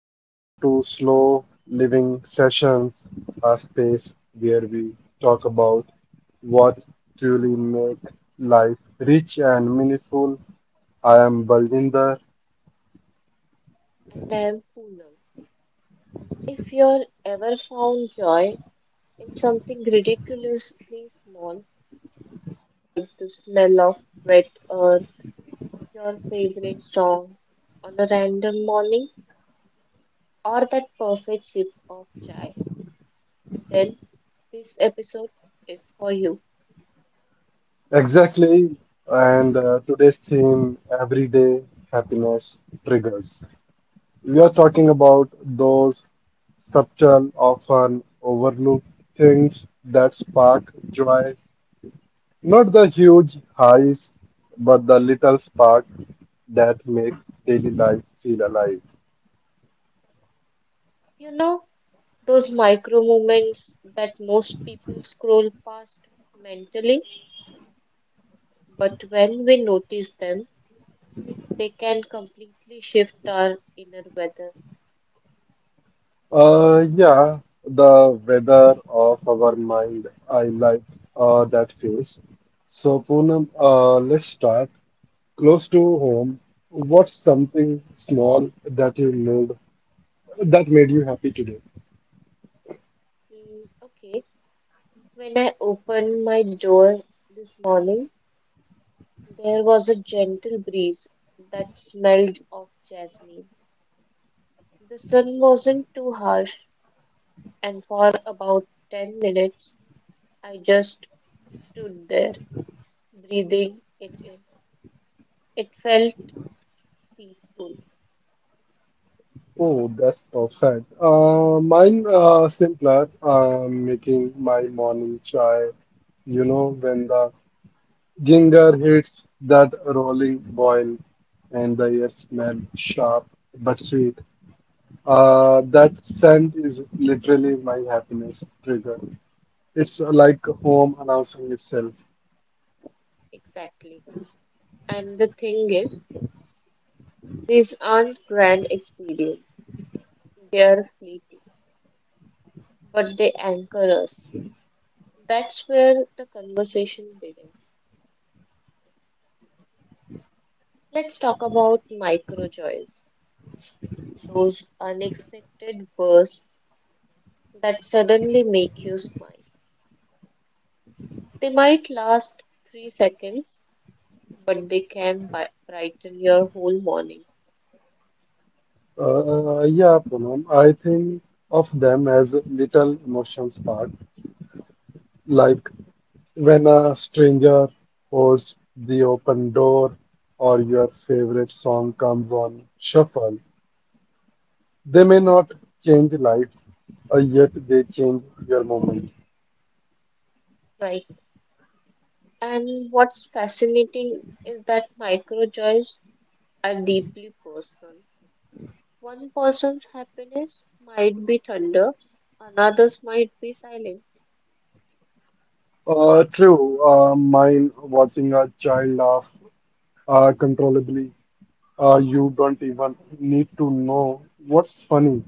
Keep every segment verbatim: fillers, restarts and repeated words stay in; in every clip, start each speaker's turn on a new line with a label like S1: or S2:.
S1: welcome to Slow Living Sessions, a space where we talk about what truly make life rich and meaningful. I am Baljinder.
S2: And I am Poonam. If you're ever found joy in something ridiculously small, like the smell of wet earth, your favorite song on a random morning, or that perfect sip of chai, then this episode is for you.
S1: Exactly, and uh, today's theme everyday happiness triggers. We are talking about those subtle, often overlooked things that spark joy. Not the huge highs, but the little sparks that make daily life feel alive.
S2: You know, those micro moments that most people scroll past mentally, but when we notice them, they can completely shift our inner weather.
S1: Uh, yeah, the weather of our mind. I like uh, that phrase. So, Poonam, uh, let's start. Close to home, what's something small that you made that made you happy today?
S2: Mm, okay, when I opened my door this morning, there was a gentle breeze that smelled of jasmine. The sun wasn't too harsh, and for about ten minutes, I just stood there, breathing it in. It felt peaceful,
S1: Oh, that's perfect. Uh, mine uh, simpler. Uh, making my morning chai. You know, when the Ginger hits that rolling boil, and the air smells sharp but sweet. Uh, that scent is literally my happiness trigger. It's like home announcing itself.
S2: exactly. And the thing is, these aren't grand experiences, they are fleeting, but they anchor us. That's where the conversation begins. Let's talk about micro joys, those unexpected bursts that suddenly make you smile. They might last three seconds, but they can bi- brighten your whole morning,
S1: Uh, yeah, Poonam, I think of them as little emotion spark, like when a stranger holds the open door or your favorite song comes on shuffle. They may not change life, uh, yet they change your moment.
S2: right? And what's fascinating is that micro joys are deeply personal. One person's happiness might be thunder, another's might be silent.
S1: Uh, true, uh, mine watching a child laugh uh, controllably. Uh, you don't even need to know what's funny.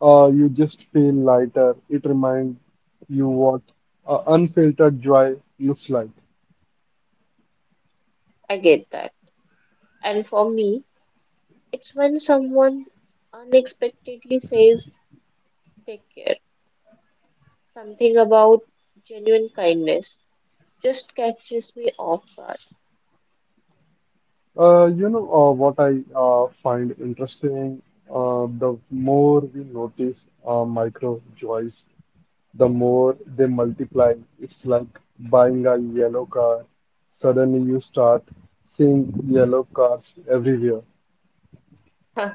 S1: Uh, you just feel lighter. It reminds you what uh, unfiltered joy looks like.
S2: I get that. And for me, it's when someone unexpectedly says, "Take care." Something about genuine kindness just catches me off guard.
S1: Uh, you know uh, what I uh, find interesting? Uh, the more we notice uh, micro joys, the more they multiply. It's like buying a yellow car. Suddenly you start seeing yellow cars everywhere.
S2: Huh,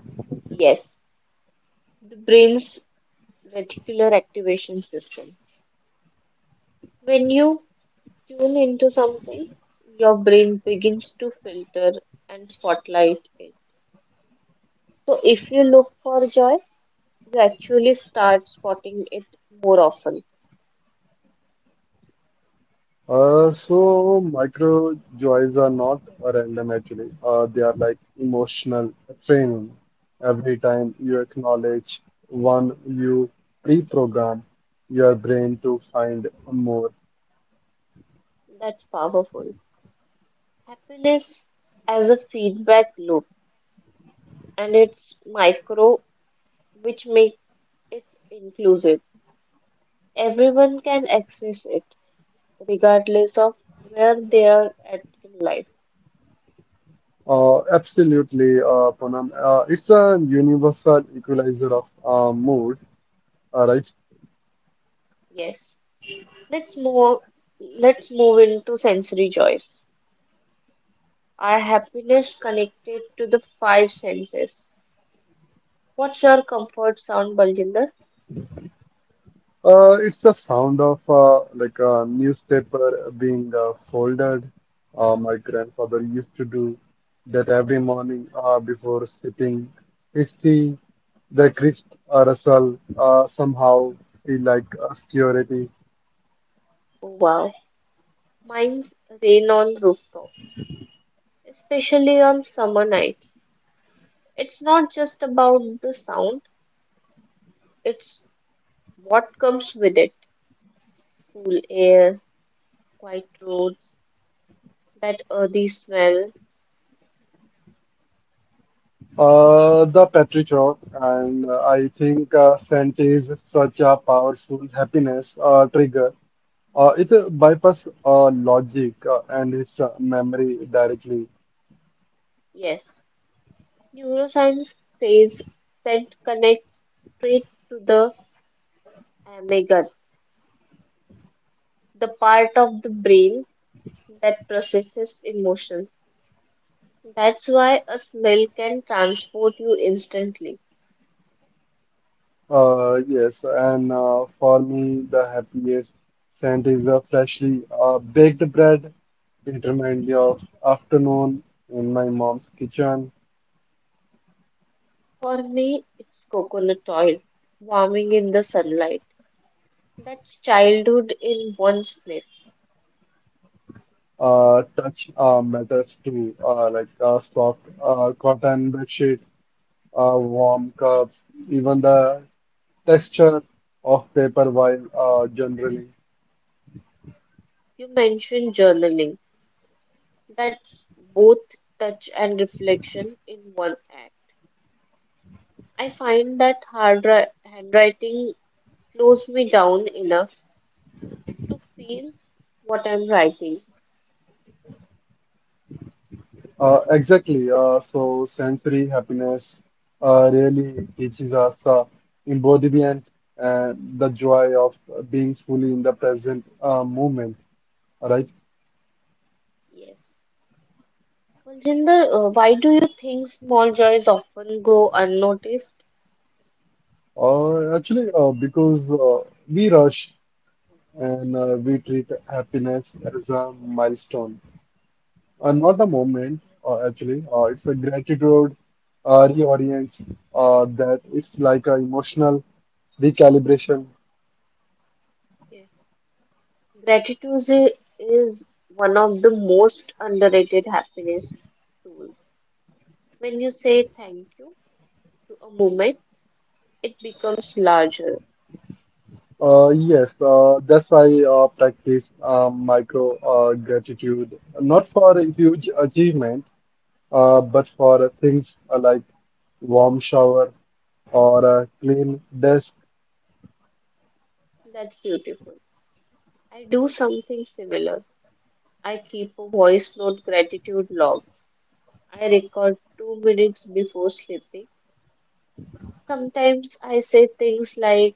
S2: yes, the brain's reticular activation system. When you tune into something, your brain begins to filter and spotlight it. So if you look for joy, you actually start spotting it more often.
S1: Uh, so micro joys are not random actually. Uh, they are like emotional training. Every time you acknowledge one, you pre-program your brain to find more.
S2: That's powerful. Happiness as a feedback loop, and it's micro, which makes it inclusive. Everyone can access it, regardless of where they are at in life.
S1: Uh, absolutely, uh, Poonam. Uh, it's a universal equalizer of uh, mood, uh, right?
S2: Yes. Let's move let's move into sensory joys. Our happiness connected to the five senses. What's your comfort sound, Baljinder?
S1: Uh, it's the sound of uh, like a newspaper being uh, folded. Uh, my grandfather used to do that every morning uh, before sipping his tea. The crisp uh, rustle uh, somehow feel like obscurity.
S2: Wow. Mine's rain on rooftop, especially on summer nights. It's not just about the sound, it's what comes with it. Cool air, quiet roads, that earthy smell.
S1: Uh, the Petrichor, and uh, I think uh, scent is such a powerful happiness uh, trigger. Uh, it bypasses uh, logic uh, and its uh, memory directly.
S2: Yes, neuroscience says scent connects straight to the amygdala, the part of the brain that processes emotion. That's why a smell can transport you instantly.
S1: Uh, yes, and uh, for me, the happiest scent is the freshly uh, baked bread. It reminds me of afternoon in my mom's kitchen.
S2: For me, it's coconut oil, warming in the sunlight. That's childhood in one sniff.
S1: Uh, touch uh, matters too, uh, like uh, soft uh, cotton bedsheet, uh, warm cups, even the texture of paper while uh, journaling.
S2: You mentioned journaling. That's both touch and reflection in one act. I find that hard ri- handwriting slows me down enough to feel what I'm writing.
S1: Uh, exactly. Uh, so sensory happiness uh, really teaches us uh, embodiment and the joy of being fully in the present uh, moment, right?
S2: Yes. Well, Jinder, uh, why do you think small joys often go unnoticed?
S1: Or actually, uh, because uh, we rush and uh, we treat happiness as a milestone, uh, not a moment. Uh, actually, uh, it's a gratitude uh, reorients uh, that it's like a emotional recalibration.
S2: Yeah. Gratitude is, is one of the most underrated happiness tools. When you say thank you to a moment, it becomes larger.
S1: Uh, yes, uh, that's why I uh, practice uh, micro uh, gratitude, not for a huge achievement, uh, but for uh, things uh, like warm shower or a clean desk.
S2: That's beautiful. I do something similar. I keep a voice note gratitude log. I record two minutes before sleeping. Sometimes I say things like,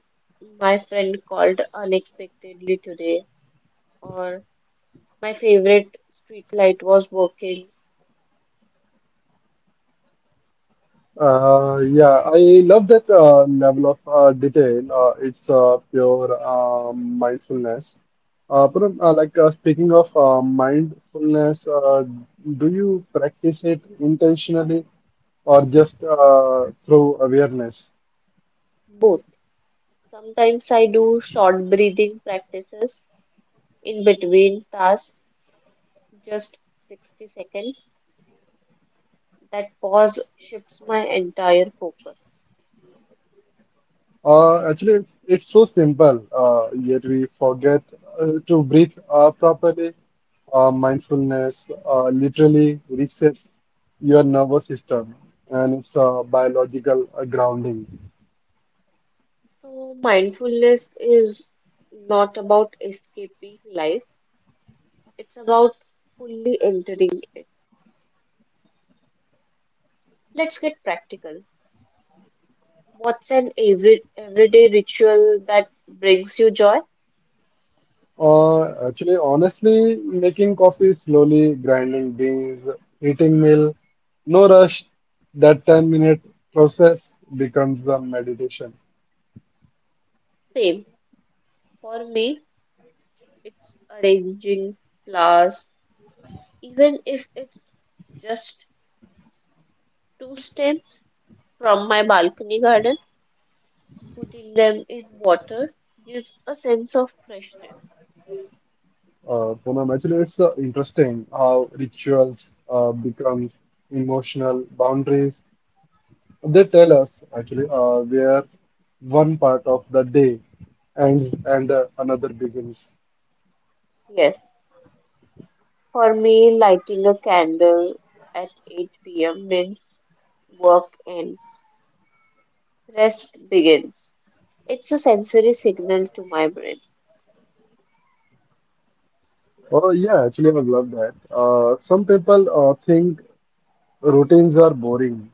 S2: "My friend called unexpectedly today," or "My favorite street light was working."
S1: Uh, yeah, I love that uh, level of uh, detail. Uh, it's uh, pure um mindfulness. Uh, but, um, uh, like uh, speaking of uh, mindfulness, uh, do you practice it intentionally or just uh, through awareness?
S2: Both. Sometimes I do short breathing practices in between tasks, just sixty seconds. That pause shifts my entire focus.
S1: Uh, actually, it's it's so simple, uh, yet we forget uh, to breathe uh, properly. Uh, mindfulness uh, literally resets your nervous system, and it's a biological uh, grounding.
S2: So, mindfulness is not about escaping life, it's about fully entering it. Let's get practical. What's an every, everyday ritual that brings you joy?
S1: Uh, actually, honestly, making coffee slowly, grinding beans, eating meal, no rush. That ten minute process becomes the meditation.
S2: Same. For me, it's arranging flowers, even if it's just two stems from my balcony garden, putting them in water gives a sense of freshness.
S1: Uh, Poonam, actually, it's uh, interesting how rituals uh, become emotional boundaries. They tell us actually uh, where one part of the day ends and uh, another begins.
S2: Yes. For me, lighting a candle at eight p m means work ends, rest begins. It's a sensory signal to my brain.
S1: Oh yeah, actually, I love that. Uh, some people uh, think routines are boring,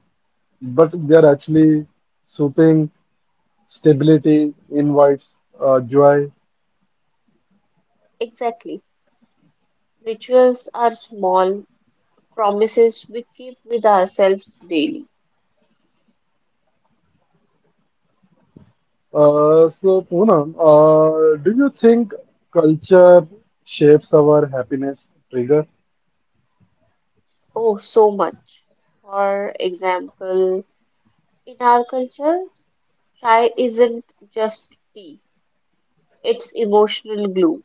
S1: but they are actually soothing. Stability invites uh, joy.
S2: Exactly. Rituals are small promises we keep with ourselves daily.
S1: Uh, so, Poonam, uh, do you think culture shapes our happiness trigger?
S2: Oh, so much. For example, in our culture, chai isn't just tea, it's emotional glue.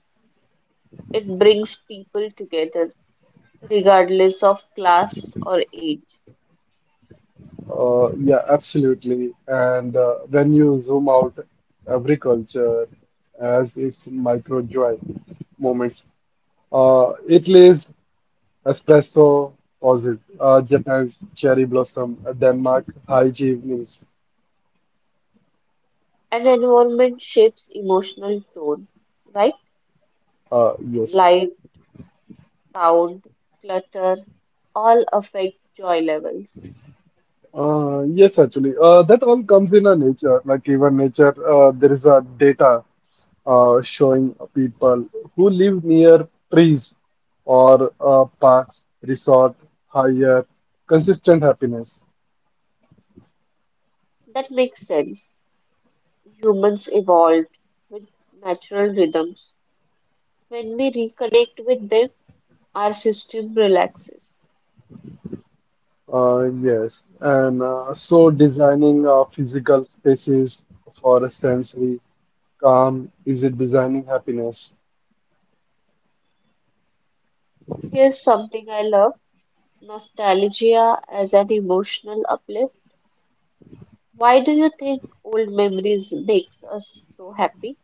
S2: It brings people together, regardless of class or age.
S1: Uh, yeah, absolutely. And uh, when you zoom out, every culture has its micro joy moments. Uh, Italy's espresso pauses, uh, Japan's cherry blossom, Denmark high evenings.
S2: And environment shapes emotional tone, right?
S1: Uh, yes.
S2: Light, sound, clutter all affect joy levels.
S1: Uh, yes, actually, uh, that all comes in a nature. Like even nature, uh, there is a data uh, showing people who live near trees or uh, parks, resort, higher consistent happiness.
S2: That makes sense. Humans evolved with natural rhythms. When we reconnect with them, our system relaxes.
S1: Uh, yes, and uh, so designing uh, physical spaces for a sensory calm is it designing happiness?
S2: Here's something I love: nostalgia as an emotional uplift. Why do you think old memories makes us so happy?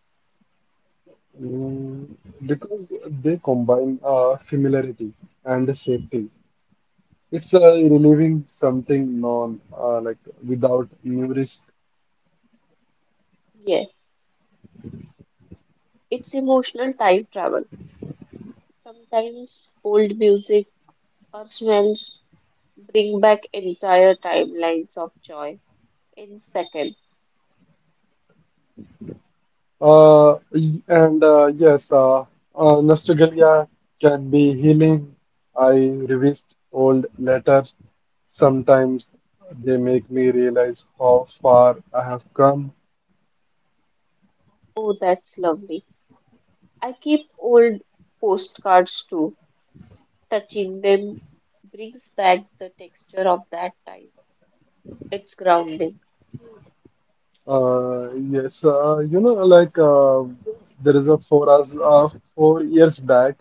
S1: Mm, because they combine uh, familiarity and safety. It's uh, relieving something non uh, like without new risk.
S2: Yeah, it's emotional time travel. Sometimes old music or smells bring back entire timelines of joy in seconds.
S1: Uh, y- and uh, yes, uh, uh, nostalgia can be healing. I revisit old letters. Sometimes they make me realize how far I have come.
S2: Oh, that's lovely. I keep old postcards too. Touching them brings back the texture of that time. It's grounding.
S1: Uh, yes, uh, you know, like uh, there is a four hours, uh, four years back,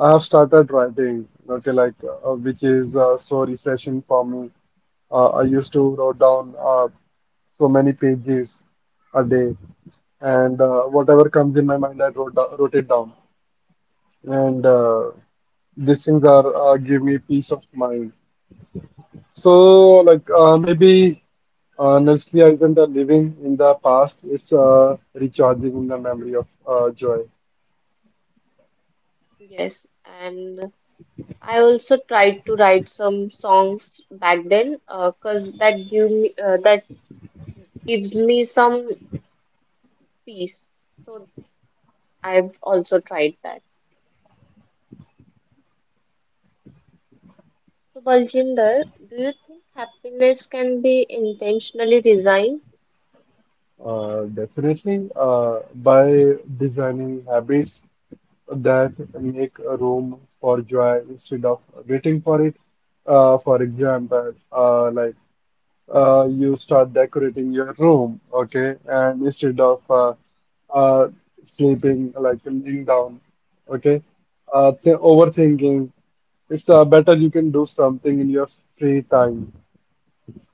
S1: I have started writing, okay, like uh, which is uh, so refreshing for me. Uh, I used to write down uh, so many pages a day, and uh, whatever comes in my mind, I wrote, do- wrote it down. And uh, these things are uh, give me peace of mind. So, like uh, maybe uh, nostalgia isn't a living in the past; it's uh, recharging in the memory of uh, joy.
S2: Yes, and I also tried to write some songs back then, uh, 'cause cause that give me uh, that gives me some peace. So I've also tried that. So Baljinder, do you think happiness can be intentionally designed?
S1: Uh, definitely, uh, by designing habits that make a room for joy instead of waiting for it. Uh, for example, uh, like uh, you start decorating your room, okay, and instead of uh, uh, sleeping, like laying down, okay, uh, th
S2: Mhm.
S1: overthinking, it's uh, better you can do something in your free time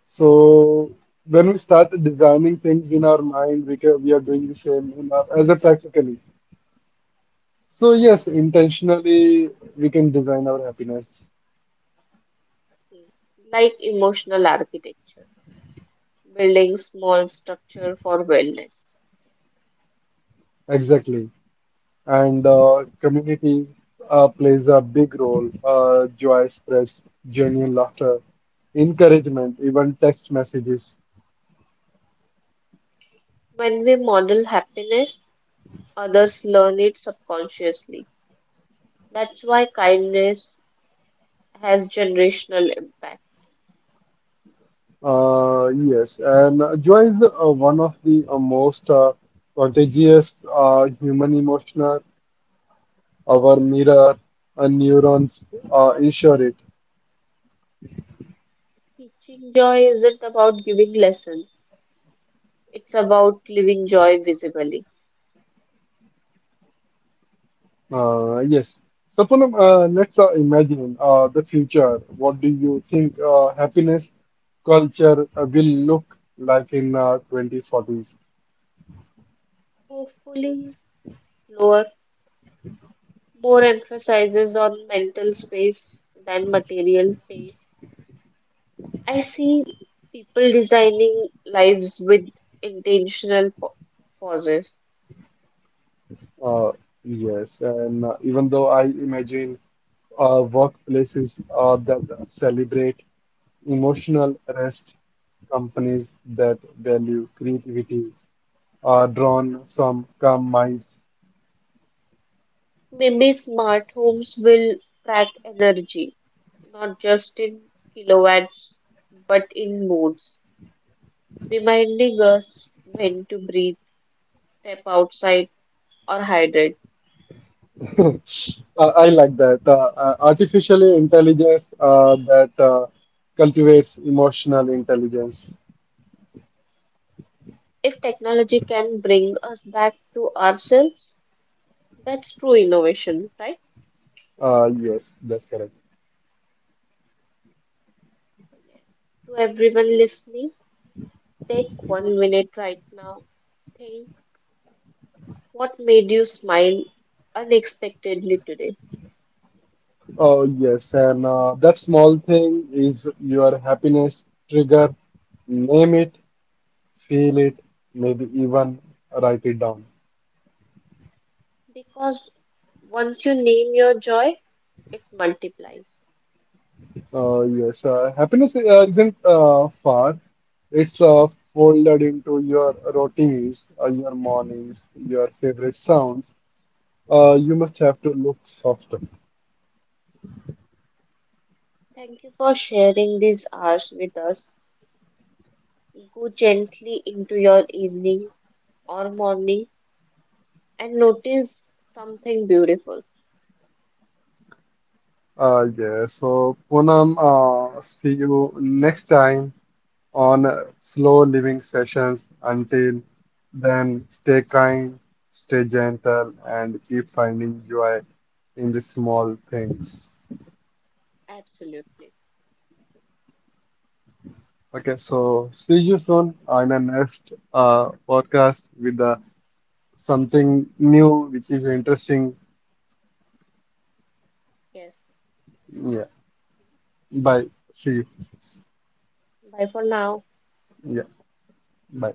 S1: so when we start designing things in our mind, we can, we are doing the same in our, as a practically. So yes, intentionally we can design our happiness.
S2: Like emotional architecture, building small structure for wellness.
S1: Exactly, and uh, community uh, plays a big role. Uh, joy spreads, genuine laughter, encouragement, even text messages.
S2: When we model happiness, others learn it subconsciously. That's why kindness has generational impact.
S1: Uh, yes, and uh, joy is uh, one of the uh, most uh, contagious uh, human emotional. Our mirror uh, neurons uh, ensure it.
S2: Teaching joy isn't about giving lessons, it's about living joy visibly.
S1: Uh, yes. So, Poonam, uh, let's uh, imagine uh, the future. What do you think uh, happiness culture uh, will look like in uh, twenty forties?
S2: Hopefully, lower more emphasizes on mental space than material pace. I see people designing lives with intentional pa- pauses.
S1: Uh, yes, and uh, even though I imagine uh, workplaces uh, that celebrate emotional rest, companies that value creativity are drawn from calm minds.
S2: Maybe smart homes will track energy, not just in kilowatts, but in moods, reminding us when to breathe, step outside, or hydrate.
S1: Uh, I like that. Uh, uh, artificial intelligence uh, that uh, cultivates emotional intelligence.
S2: If technology can bring us back to ourselves, that's true innovation, right?
S1: Uh, yes, that's correct.
S2: To everyone listening, take one minute right now. Think, what made you smile unexpectedly today?
S1: Oh, yes. And uh, that small thing is your happiness trigger. Name it, feel it, maybe even write it down.
S2: Because once you name your joy, it multiplies.
S1: Uh, yes, uh, happiness uh, isn't uh, far. It's uh, folded into your routines, uh, your mornings, your favorite sounds. Uh, you must have to look softer.
S2: Thank you for sharing these hours with us. Go gently into your evening or morning and notice something beautiful.
S1: Uh, yeah, so Poonam, uh, see you next time on uh, slow living sessions. Until then, stay kind, stay gentle, and keep finding joy in the small things.
S2: Absolutely.
S1: Okay, so see you soon on the next uh, podcast with uh, something new which is interesting.
S2: Yes.
S1: Yeah, bye. See you.
S2: Bye for now.
S1: Yeah, bye.